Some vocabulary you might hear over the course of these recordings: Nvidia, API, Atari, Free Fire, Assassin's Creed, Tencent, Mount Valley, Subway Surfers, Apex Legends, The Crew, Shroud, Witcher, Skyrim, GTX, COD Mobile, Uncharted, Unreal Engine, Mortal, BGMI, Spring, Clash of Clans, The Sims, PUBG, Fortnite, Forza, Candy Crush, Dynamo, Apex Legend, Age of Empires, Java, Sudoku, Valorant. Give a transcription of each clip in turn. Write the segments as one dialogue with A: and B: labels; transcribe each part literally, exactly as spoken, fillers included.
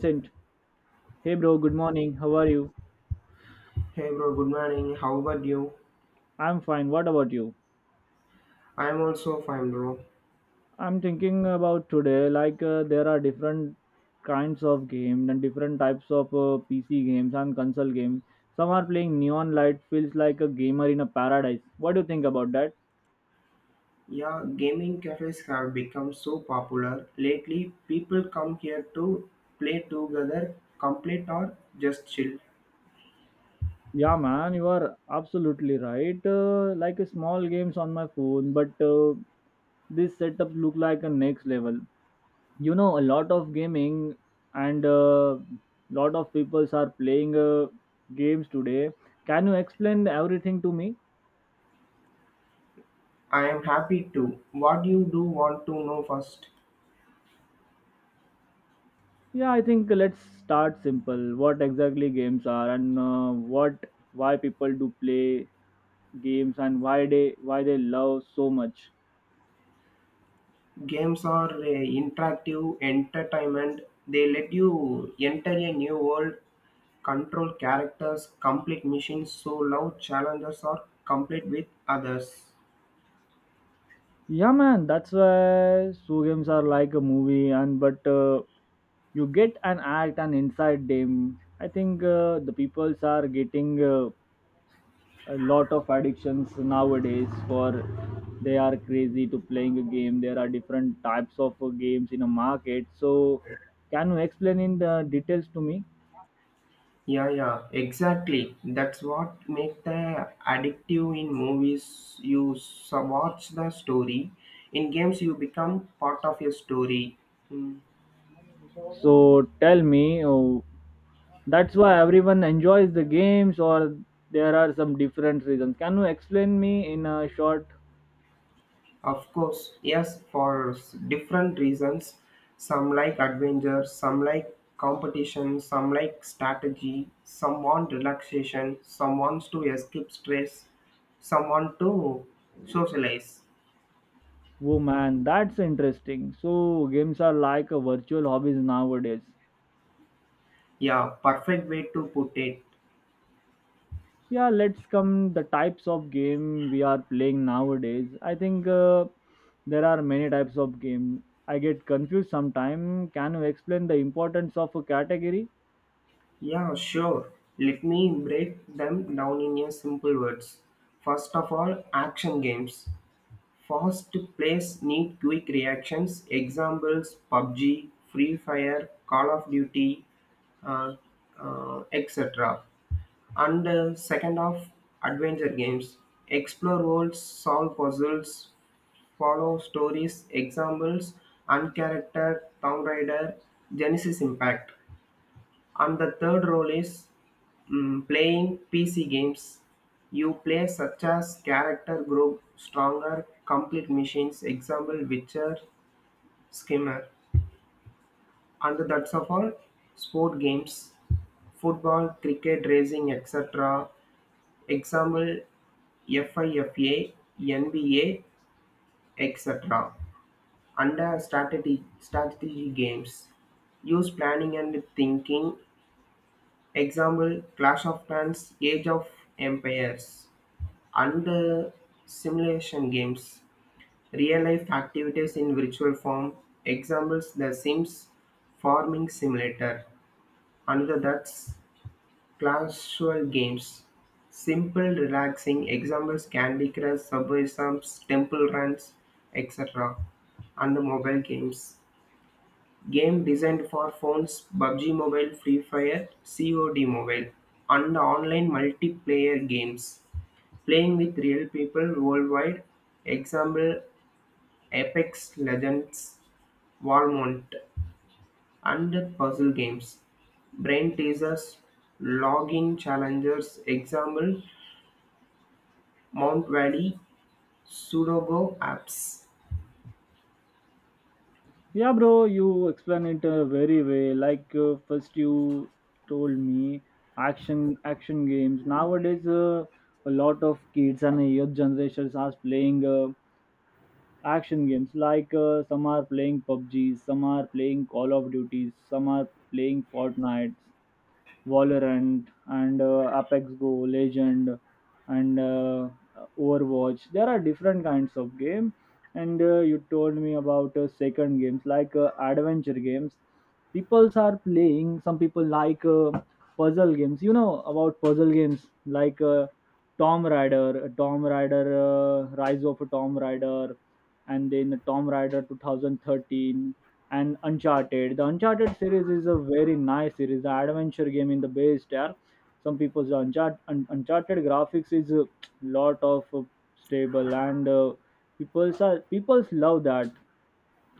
A: Vincent. Hey bro, good morning. How are you?
B: Hey bro, good morning. How about you?
A: I'm fine. What about you?
B: I'm also fine, bro.
A: I'm thinking about today like uh, there are different kinds of games and different types of uh, P C games and console games. Some are playing neon light feels like a gamer in a paradise. What do you think about that?
B: Yeah, gaming cafes have become so popular lately. People come here to play together, complete or just chill.
A: Yeah, man, you are absolutely right. Uh, like a small games on my phone, but uh, this setup look like a next level. You know a lot of gaming and a lot of peoples are playing uh, games today. Can you explain everything to me?
B: I am happy too. What you do want to know first?
A: Yeah, I think let's start simple. What exactly games are, and uh, what, why people do play games, and why they why they love so much?
B: Games are uh, interactive entertainment. They let you enter a new world, control characters, complete missions, so love challenges or complete with others.
A: Yeah, man, that's why, so games are like a movie and but uh, you get an act and inside them. I think uh, the peoples are getting uh, a lot of addictions nowadays, for they are crazy to playing a game. There are different types of uh, games in a market, so can you explain in the details to me?
B: Yeah, yeah, exactly. That's what make the addictive in movies. You so- watch the story. In games, you become part of a story. Mm.
A: So tell me, oh, that's why everyone enjoys the games, or there are some different reasons? Can you explain me in a short?
B: Of course, yes, for s- different reasons. Some like adventure, some like competition, some like strategy, some want relaxation, some wants to escape stress, some want to socialize.
A: Woman, that's interesting. So games are like a virtual hobbies nowadays.
B: Yeah, perfect way to put it.
A: Yeah, let's come the types of game we are playing nowadays. I think uh, there are many types of game. I get confused sometime. Can you explain the importance of a category?
B: Yeah, sure. Let me break them down in a simple words. First of all, action games. Fast plays need quick reactions. Examples P U B G, Free Fire, Call of Duty, uh, uh, et cetera. And uh, second of adventure games. Explore worlds, solve puzzles, follow stories, examples, Uncharacter, Tomb Raider, Genesis Impact. And the third role is, Mm, playing P C games, you play such as character group, stronger, complete machines, example Witcher, Skimmer, and that's of all. Sport games, football, cricket, racing, et cetera. Example FIFA, N B A, et cetera. Under strategy, strategy games, use planning and thinking. Example Clash of Clans, Age of Empires. Under simulation games, real life activities in virtual form, examples The Sims, Farming Simulator, another that's casual games. Simple, relaxing, examples Candy Crush, Subway Surfers, Temple Runs, et cetera. And the mobile games. Game designed for phones, P U B G Mobile, Free Fire, COD Mobile, and the online multiplayer games, playing with real people worldwide, example Apex Legends, Valorant, and puzzle games. Brain teasers, login challengers, example Mount Valley, Sudoku apps.
A: Yeah bro, you explain it uh, very well. Like uh, first you told me action action games nowadays. Uh, a lot of kids and youth generations are playing uh, action games, like uh, some are playing PUBG, some are playing Call of Duties, some are playing Fortnite, Valorant, and uh, Apex Go, Legend, and uh, Overwatch. There are different kinds of game, and uh, you told me about uh, second games, like uh, adventure games. Peoples are playing. Some people like uh, puzzle games. You know about puzzle games, like uh, Tom Raider, Tom Raider, uh, Rise of a Tom Raider, and then Tom Raider twenty thirteen, and Uncharted. The Uncharted series is a very nice series. The adventure game in the base there. Some people's Uncharted, Un- Uncharted graphics is a lot of uh, stable, and uh, people's are people's love that.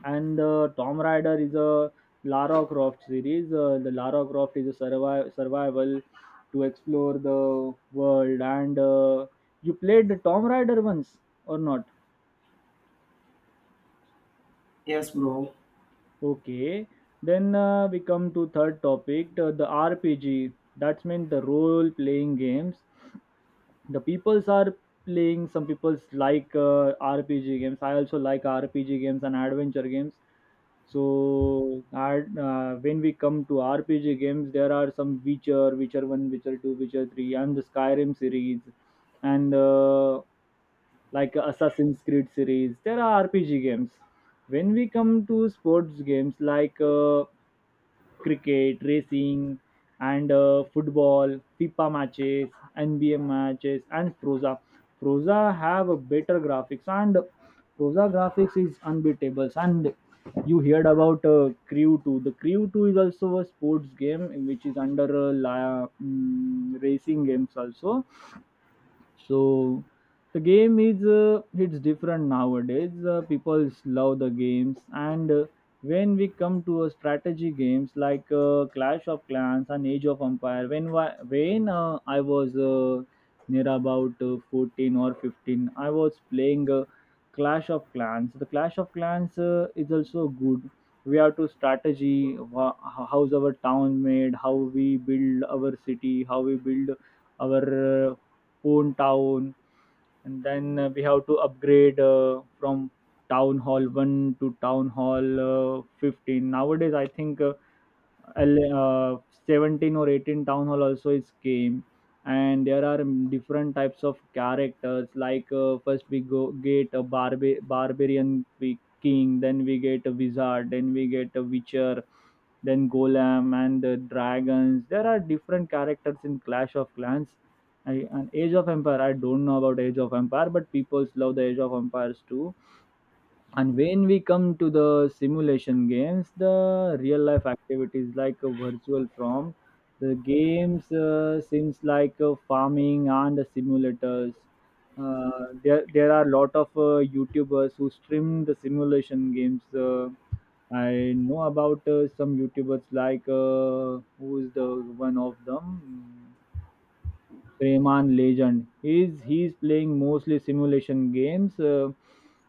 A: And uh, Tom Raider is a Lara Croft series. Uh, the Lara Croft is a survi- survival to explore the world, and uh, you played the Tom Raider once or not?
B: Yes, bro.
A: Okay, then uh, we come to third topic, the, the R P G. That's meant the role-playing games. The peoples are playing. Some peoples like uh, R P G games. I also like R P G games and adventure games. So, ad- uh, when we come to R P G games, there are some Witcher, Witcher One, Witcher Two, Witcher Three, and the Skyrim series, and uh, like Assassin's Creed series. There are R P G games. When we come to sports games, like uh, cricket, racing, and uh, football, FIFA matches, N B A matches, and Froza. Froza have a better graphics, and Froza graphics is unbeatable. And you heard about uh, Crew two. The Crew two is also a sports game which is under uh, la- mm, racing games also. So the game is uh, it's different nowadays. Uh, people love the games, and uh, when we come to a strategy games, like uh, Clash of Clans and Age of Empire. When wa- when uh, I was uh, near about uh, fourteen or fifteen, I was playing uh, Clash of Clans. The Clash of Clans uh, is also good. We have to strategy wha- how's our town made, how we build our city, how we build our uh, own town, and then uh, we have to upgrade uh, from town hall one to town hall uh, fifteen. Nowadays I think uh, ele- uh, seventeen or eighteen town hall also is game. And there are mm, different types of characters, like uh, first we go get a barba- barbarian, qui- king, then we get a wizard, then we get a witcher, then golem and the dragons. There are different characters in Clash of Clans. I, and Age of Empire, I don't know about Age of Empire, but people love the Age of Empires too. And when we come to the simulation games, the real life activities like a virtual from the games uh, seems like uh, farming and the simulators. Uh, there, there are a lot of uh, youtubers who stream the simulation games. uh, I know about uh, some YouTubers like uh, who is the one of them? Rayman Legend. He's he's playing mostly simulation games. Uh,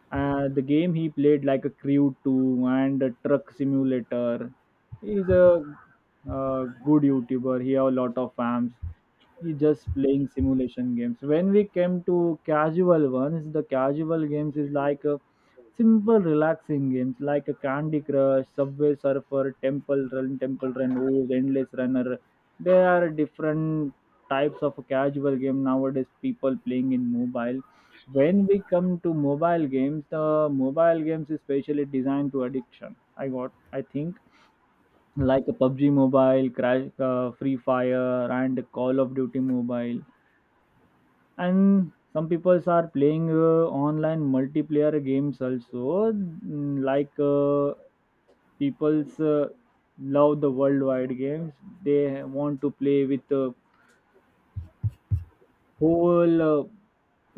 A: uh, The game he played like a Crew two and a Truck Simulator. He's a uh, good YouTuber. He have a lot of fans. He just playing simulation games. When we came to casual ones, the casual games is like a simple relaxing games like a Candy Crush, Subway Surfer, temple run temple run, ooze endless runner. There are different types of casual game nowadays people playing in mobile. When we come to mobile games, the mobile games is specially designed to addiction, I got, I think, like a PUBG Mobile, Crash, uh, Free Fire, and Call of Duty Mobile. And some people are playing uh, online multiplayer games also, mm, like uh, people's uh, love the worldwide games. They want to play with uh, whole uh,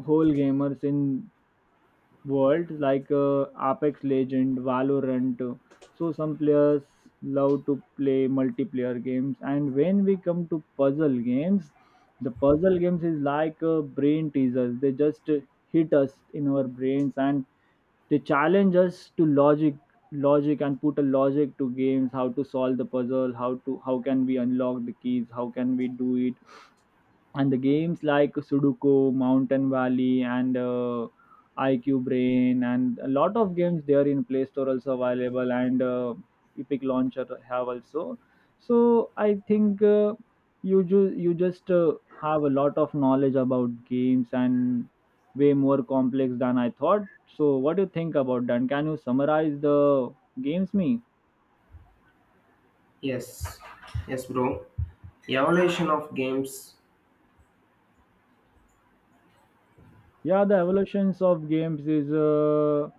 A: whole gamers in world, like uh, Apex Legend, Valorant. So some players love to play multiplayer games. And when we come to puzzle games, the puzzle games is like uh, brain teasers. They just uh, hit us in our brains, and they challenge us to logic logic, and put a logic to games, how to solve the puzzle, how to, how can we unlock the keys, how can we do it. And the games like Sudoku, Mountain Valley, and uh, IQ Brain, and a lot of games, they are in Play Store also available. And uh, Epic Launcher have also. So I think uh, you ju- you just uh, have a lot of knowledge about games, and way more complex than I thought. So what do you think about that? Can you summarize the games me?
B: Yes, yes, bro. Evolution of games.
A: Yeah, the evolutions of games is uh,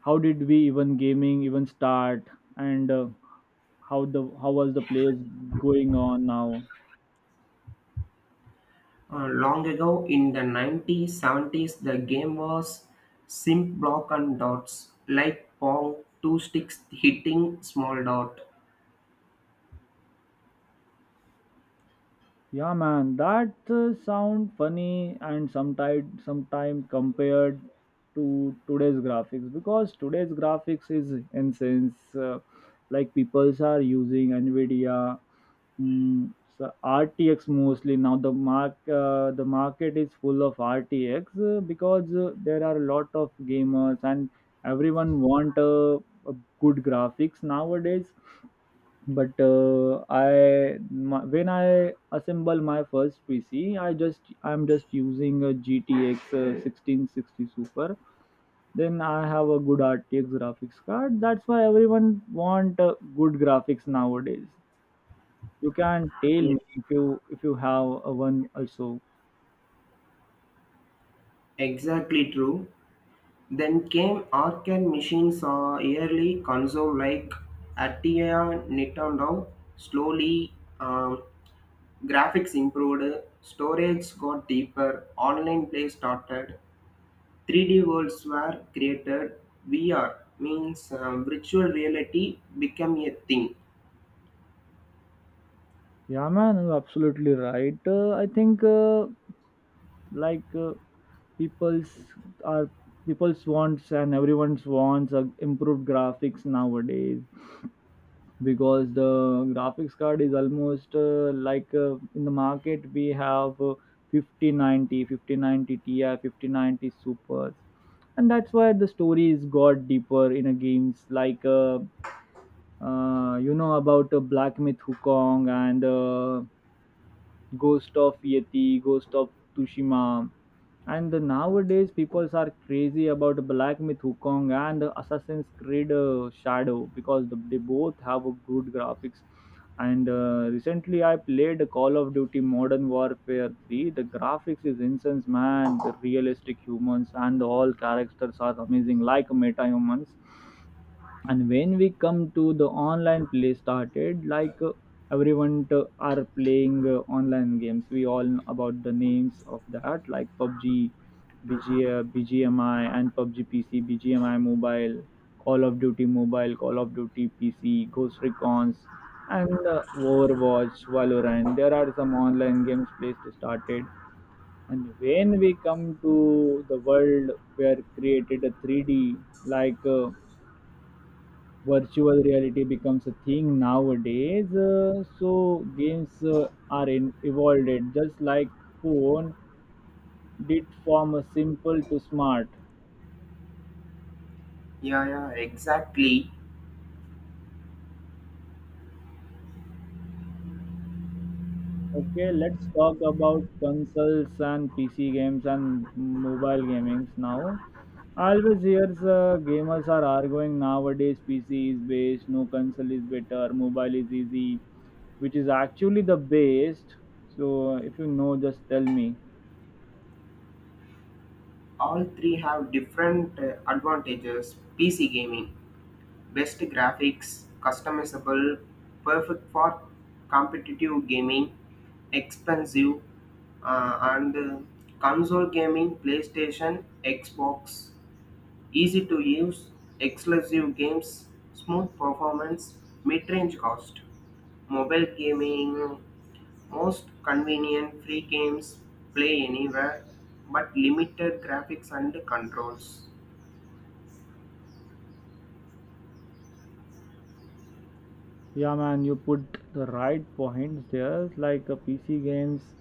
A: how did we even gaming even start, and uh, how the, how was the plays going on now?
B: Uh, long ago in the nineteen seventies, the game was simp block and dots, like pong, two sticks hitting small dot.
A: Yeah, man, that uh, sound funny and sometime sometime compared to today's graphics, because today's graphics is in sense. Uh, like peoples are using Nvidia, mm, so R T X mostly now. The mark uh, the market is full of R T X, uh, because uh, there are a lot of gamers, and everyone want a, a good graphics nowadays. But uh, I my, when I assemble my first P C, I just I'm just using a G T X uh, sixteen sixty Super. Then I have a good R T X graphics card. That's why everyone want uh, good graphics nowadays. You can tell
B: Yeah,
A: me if you if you have a one also.
B: exactly true. Then came arcade machines or early console like Atari, Nintendo. Slowly, um, graphics improved, storage got deeper, online play started. three D worlds were created. V R means um, virtual reality became a thing.
A: Yeah, man, you're absolutely right. Uh, I think uh, like uh, people's are people's wants, and everyone's wants uh, improved graphics nowadays, because the graphics card is almost uh, like uh, in the market we have uh, fifty ninety, fifty ninety ti, fifty ninety supers. And that's why the stories got deeper in a games like uh, uh, you know about uh, Black Myth Wukong, and uh, Ghost of Yeti, Ghost of Tsushima. And the nowadays, people are crazy about Black Myth Wukong and the Assassin's Creed uh, Shadow, because the, they both have a good graphics. And uh, recently, I played Call of Duty Modern Warfare three. The graphics is incense, man. The realistic humans and all characters are amazing, like meta humans. And when we come to the online play started, like uh, everyone to, are playing uh, online games. We all know about the names of that, like PUBG, B G, uh, BGMI, and PUBG PC, BGMI mobile, Call of Duty mobile, Call of Duty PC, Ghost Recons, and uh, Overwatch, Valorant. There are some online games placed started. And when we come to the world where created a three d, like uh, virtual reality becomes a thing nowadays. Uh, so games uh, are in, evolved, just like phone did, from a simple to smart.
B: Yeah, yeah, exactly.
A: Okay, let's talk about consoles and PC games and mobile gamings now. I always hears uh, gamers are arguing nowadays: PC is best, no, console is better, mobile is easy. Which is actually the best? So if you know, just tell me.
B: All three have different uh, advantages. P C gaming, best graphics, customizable, perfect for competitive gaming, expensive, uh, and uh, console gaming, PlayStation, Xbox. Easy to use, exclusive games, smooth performance, mid-range cost. Mobile gaming, most convenient free games, play anywhere, but limited graphics and controls.
A: Yeah, man, you put the right points there. Like uh, P C games,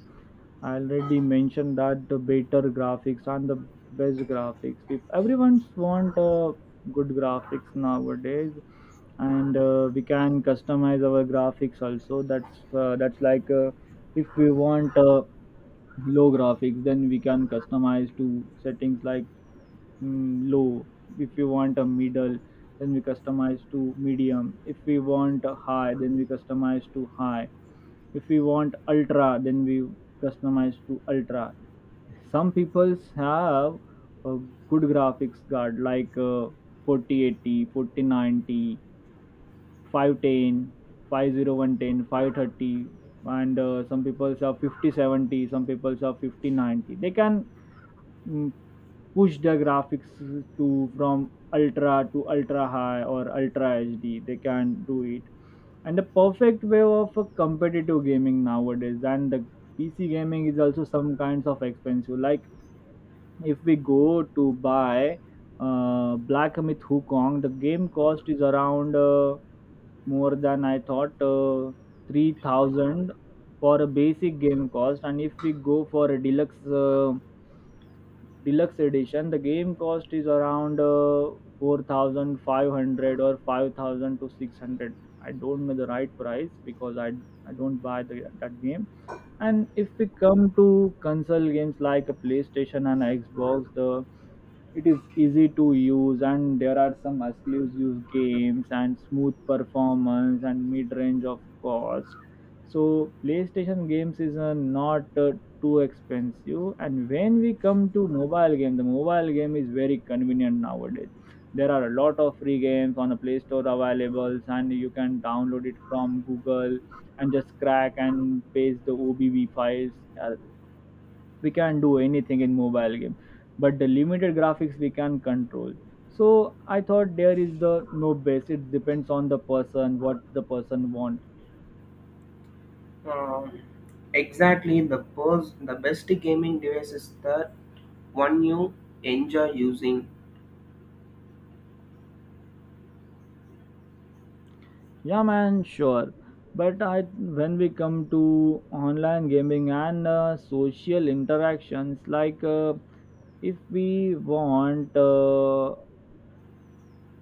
A: I already mentioned that the better graphics and the best graphics. If everyone's want uh, good graphics nowadays, and uh, we can customize our graphics also. That's uh, that's like uh, if we want uh, low graphics, then we can customize to settings like mm, low. If we want a middle, then we customize to medium. If we want a high, then we customize to high. If we want ultra, then we customize to ultra. Some peoples have a good graphics card like uh, forty eighty, and uh, some people have fifty seventy, some people have fifty ninety. They can mm, push the graphics to from ultra to ultra high or ultra H D. They can do it. And the perfect way of a competitive gaming nowadays. And the P C gaming is also some kinds of expensive. Like if we go to buy uh, Black Myth Wukong, the game cost is around uh, more than I thought uh, three thousand for a basic game cost. And if we go for a deluxe uh, deluxe edition, the game cost is around uh, four thousand five hundred or five thousand to six hundred. I don't know the right price because I I don't buy the, that game. And if we come to console games like a PlayStation and Xbox, the it is easy to use, and there are some exclusive games and smooth performance and mid range of cost, so PlayStation games is uh, not uh, too expensive. And when we come to mobile game, the mobile game is very convenient nowadays. There are a lot of free games on a Play Store available, and you can download it from Google and just crack and paste the obv files. Uh, we can do anything in mobile game, but the limited graphics we can control. So I thought there is the no base, it depends on the person, what the person want.
B: Um, exactly, the best, the best gaming device is the one you enjoy using.
A: Yeah, man, sure. But I, when we come to online gaming and uh, social interactions, like uh, if we want uh,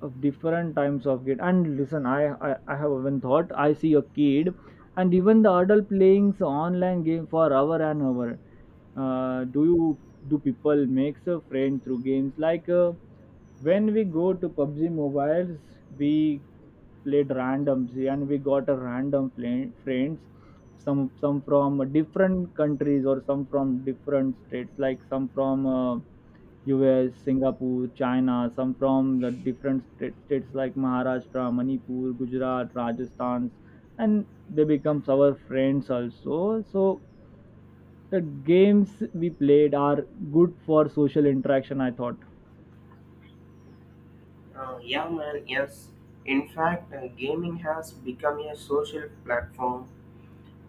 A: of different types of game, and listen, I, I, I have even thought I see a kid and even the adult playing s- online game for hour and hour. Uh, do you do people makes a friend through games like? Uh, when we go to PUBG Mobiles, we played randoms and we got a random fla- friends, some some from different countries or some from different states, like some from uh, U S, Singapore, China, some from the different state, states like Maharashtra, Manipur, Gujarat, Rajasthan, and they becomes our friends also. So the games we played are good for social interaction, I thought.
B: Uh, yeah, man, yes. In fact, uh, gaming has become a social platform.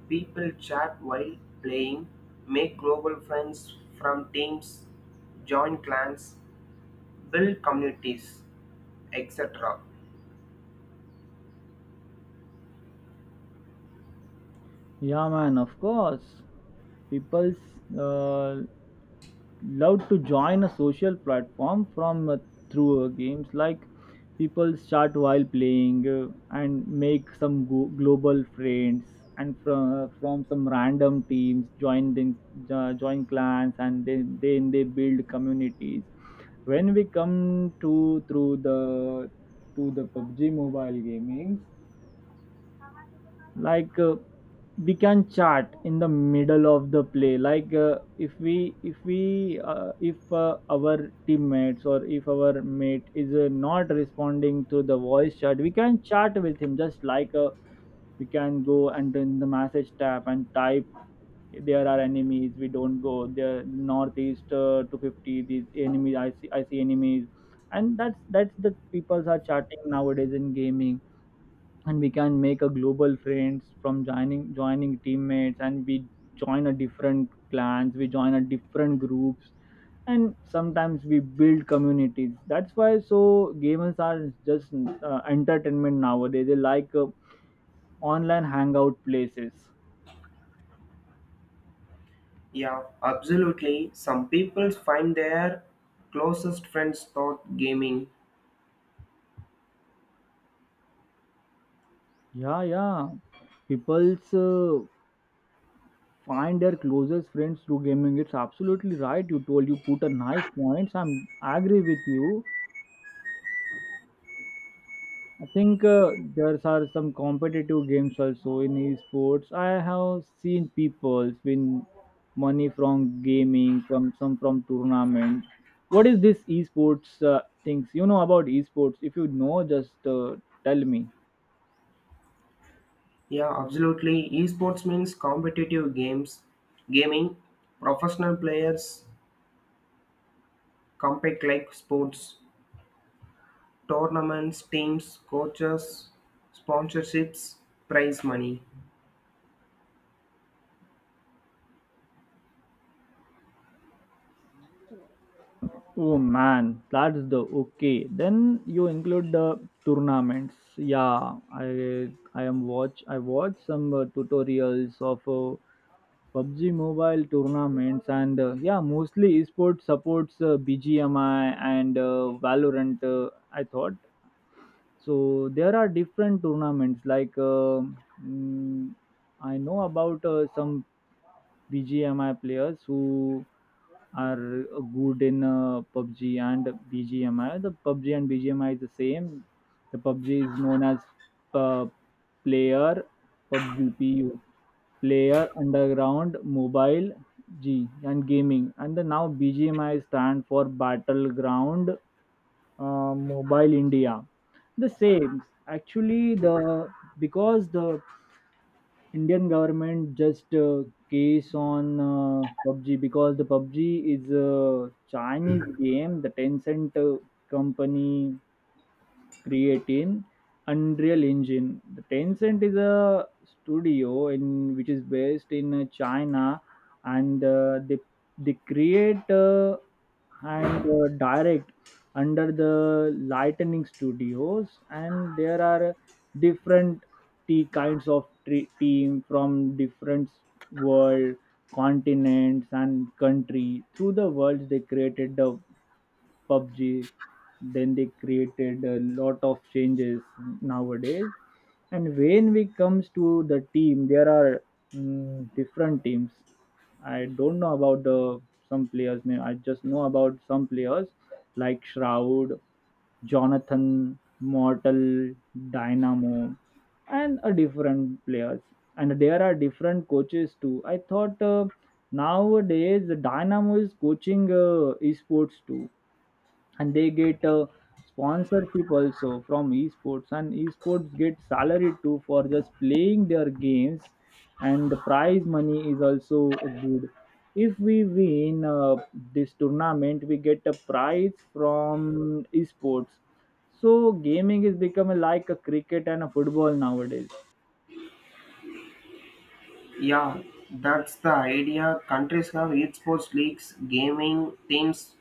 B: People chat while playing, make global friends from teams, join clans, build communities, et cetera.
A: Yeah, man, of course. People's uh, love to join a social platform from uh, through uh, games, like people start while playing uh, and make some go- global friends, and from from some random teams join, then jo- join clans, and then then they build communities. When we come to through the to the PUBG mobile gaming, like uh, we can chat in the middle of the play. Like uh, if we if we uh, if uh, our teammates, or if our mate is uh, not responding to the voice chat, we can chat with him, just like uh, we can go and in the message tab and type: "There are enemies, we don't go there, northeast uh, two fifty, these enemies, i see i see enemies." And that's that's the people are chatting nowadays in gaming. And we can make a global friends from joining joining teammates, and we join a different clans, we join a different groups, and sometimes we build communities. That's why so gamers are just uh, entertainment nowadays, they like uh, online hangout places.
B: Yeah, absolutely. Some people find their closest friends through gaming.
A: Yeah, yeah, people's uh, find their closest friends through gaming. It's absolutely right, you told, you put a nice points. I'm I agree with you. I think uh, there are some competitive games also in esports. I have seen people win money from gaming, from some from tournament. What is this esports uh, things? You know about esports? If you know, just uh, tell me.
B: Yeah, absolutely. Esports means competitive games, gaming, professional players compete like sports, tournaments, teams, coaches, sponsorships, prize money.
A: Oh man, that's the, okay. Then you include the tournaments. Yeah, I I am watch. I watch some uh, tutorials of Uh, PUBG mobile tournaments, and uh, yeah, mostly esports supports uh, B G M I and uh, Valorant. Uh, I thought so. There are different tournaments, like uh, mm, I know about uh, some B G M I players who are uh, good in uh, PUBG and BGMI. The PUBG and BGMI is the same. The PUBG is known as uh, player, PUBG, P U, Player Underground, Mobile G, and Gaming. And the now B G M I stand for Battleground uh, Mobile India. The same. Actually, the because the Indian government just uh, case on uh, PUBG, because the PUBG is a Chinese game. The Tencent uh, company creating Unreal Engine. The Tencent is a studio in which is based in uh, China, and uh, they they create uh, and uh, direct under the Lightning Studios, and there are different tea kinds of tre- team from different world continents and country through the worlds they created the PUBG. Then they created a lot of changes nowadays. And when we comes to the team, there are mm, different teams. I don't know about the some players' name. I just know about some players like Shroud, Jonathan, Mortal, Dynamo, and a different players. And there are different coaches too. I thought uh, nowadays Dynamo is coaching uh, esports too, and they get uh, sponsorship also from esports, and esports get salary too for just playing their games. And the prize money is also good. If we win uh, this tournament, we get a prize from esports. So gaming is becoming like a cricket and a football nowadays.
B: Yeah, that's the idea. Countries have esports leagues, gaming teams,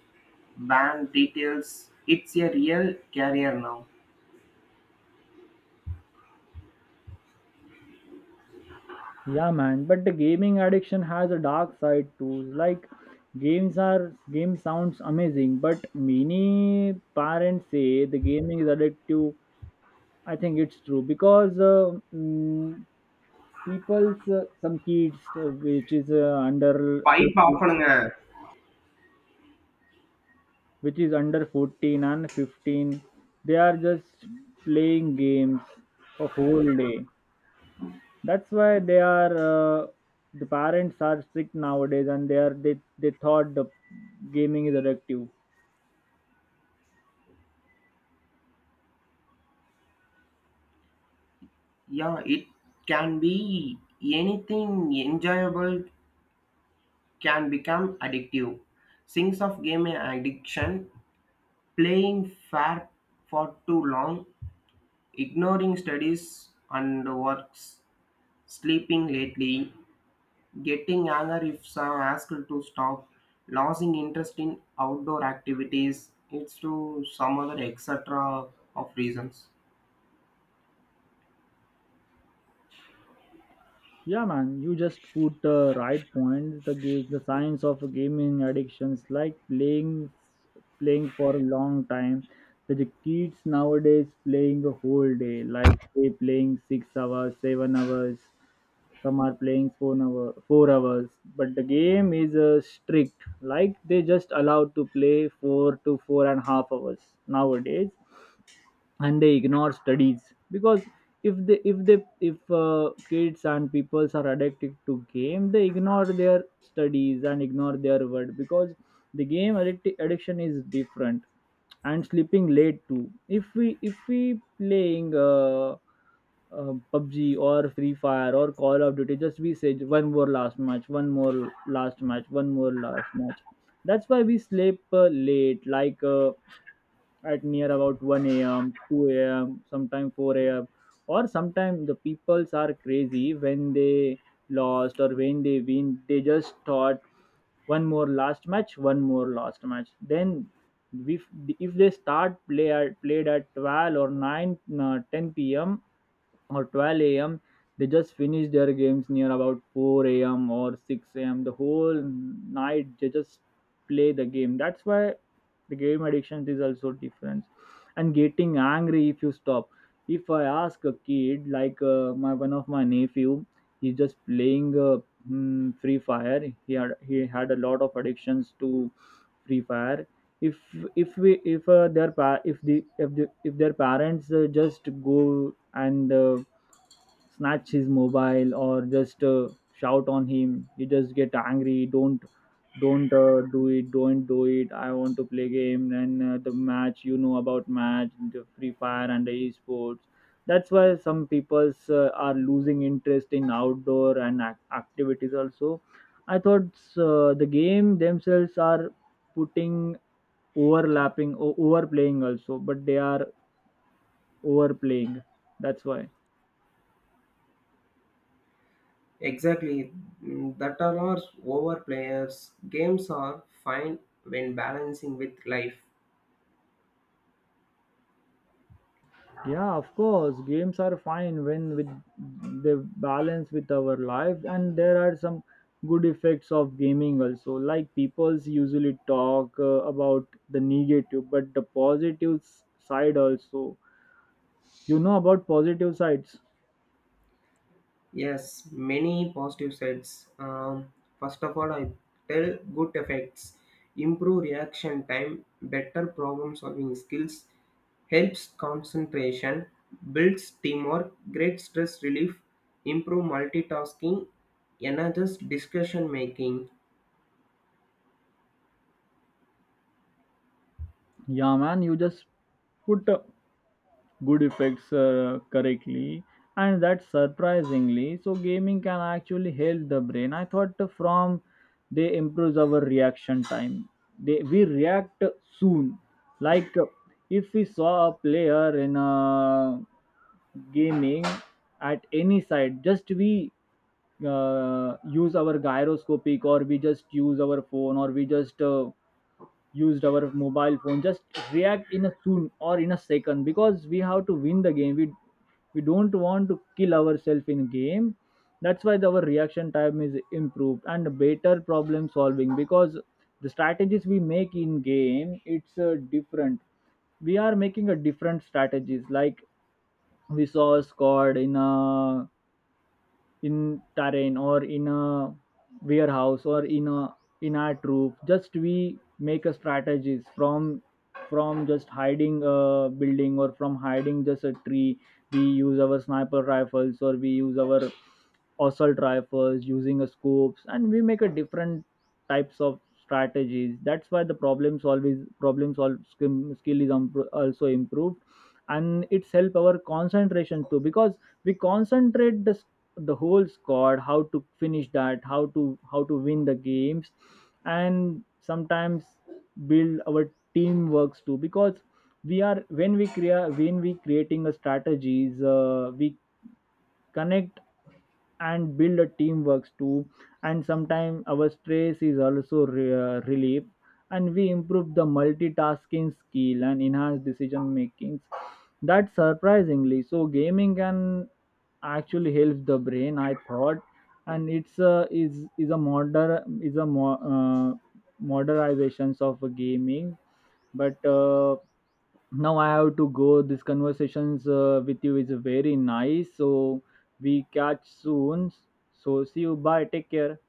B: band details. It's a real career now.
A: Yeah, man. But the gaming addiction has a dark side too. Like games are game sounds amazing, but many parents say the gaming is addictive. I think it's true, because uh, mm, people's uh, some kids uh, which is uh, under
B: pipe off
A: fourteen,
B: பண்ணுங்க.
A: which is under fourteen and fifteen, they are just playing games a whole day. That's why they are uh, the parents are strict nowadays, and they are they they thought the gaming is addictive.
B: Yeah, it can be anything enjoyable can become addictive. Things of gaming addiction, playing fair for too long, ignoring studies and works, sleeping lately, getting anger if uh, asked to stop, losing interest in outdoor activities, it's to some other et cetera of reasons.
A: Yeah, man, you just put the right points. The game, the science of gaming addictions, like playing playing for a long time. The the kids nowadays playing a whole day, like they playing six hours, seven hours. Some are playing four hour, four hours, but the game is uh, strict. Like they just allowed to play four to four and a half hours nowadays, and they ignore studies, because if they if they if uh, kids and peoples are addicted to game, they ignore their studies and ignore their word, because the game addic- addiction is different. And sleeping late too, if we if we playing uh, uh, PUBG or Free Fire or Call of Duty, just we say one more last match, one more last match, one more last match. That's why we sleep uh, late, like uh, at near about one a m, two a m, sometime four a m. Or sometime the peoples are crazy, when they lost or when they win, they just thought one more last match, one more last match. Then if, if they start play at, played at twelve or nine, uh, ten p m, or twelve a m, they just finish their games near about four a m or six a m. The whole night they just play the game. That's why the game addiction is also different. And getting angry if you stop. If I ask a kid like uh, my one of my nephew, he's just playing uh, hmm, Free Fire. He had he had a lot of addictions to Free Fire. If if we if uh, their pa- if the if the if their parents uh, just go and uh, snatch his mobile or just uh, shout on him, you just get angry. Don't don't uh, do it, don't do it, I want to play game, and uh, the match, you know about match, the Free Fire and the esports. That's why some people uh, are losing interest in outdoor and ac- activities also, I thought. Uh, the game themselves are putting overlapping o- overplaying also, but they are overplaying, that's why.
B: Exactly. Mm, that are our overplayers. Games are fine when balancing with life.
A: Yeah, of course. Games are fine when with they balance with our lives, and there are some good effects of gaming also. Like people's usually talk uh, about the negative, but the positive s- side also. You know about positive sides.
B: Yes, many positive sides. Um, first of all, I tell good effects, improve reaction time, better problem solving skills, helps concentration, builds teamwork, great stress relief, improve multitasking, enhances discussion making.
A: Yeah, man. You just put a good effects uh, correctly, and that surprisingly so gaming can actually help the brain, I thought. From they improves our reaction time they we react soon, like uh, if we saw a player in a gaming at any side, just we uh, use our gyroscopic, or we just use our phone, or we just uh, used our mobile phone, just react in a soon or in a second, because we have to win the game. We we don't want to kill ourselves in game. That's why our reaction time is improved, and better problem solving, because the strategies we make in game, it's uh, different. We are making a different strategies, like we saw a squad in a in terrain, or in a warehouse, or in a in our roof, just we make a strategies from from just hiding a building, or from hiding just a tree. We use our sniper rifles, or we use our assault rifles, using a scopes, and we make a different types of strategies. That's why the problem solve is problem solve skim- skill is umpro- also improved, and it's help our concentration too, because we concentrate the s- the whole squad, how to finish that, how to how to win the games. And sometimes build our team works too, because we are when we create when we creating a strategies, uh, we connect and build a teamworks too. And sometimes our stress is also re- uh, relief, and we improve the multitasking skill and enhance decision makings. That surprisingly so gaming can actually helps the brain, I thought. And it's a is is a modern is a mo- uh, modernizations of gaming. But uh, now I have to go. This conversations uh, with you is very nice, so we catch soon. So see you. Bye. Take care.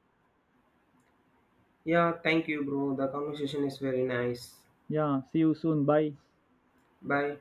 B: Yeah, thank you, bro. The conversation is very nice.
A: Yeah. See you soon. Bye.
B: Bye.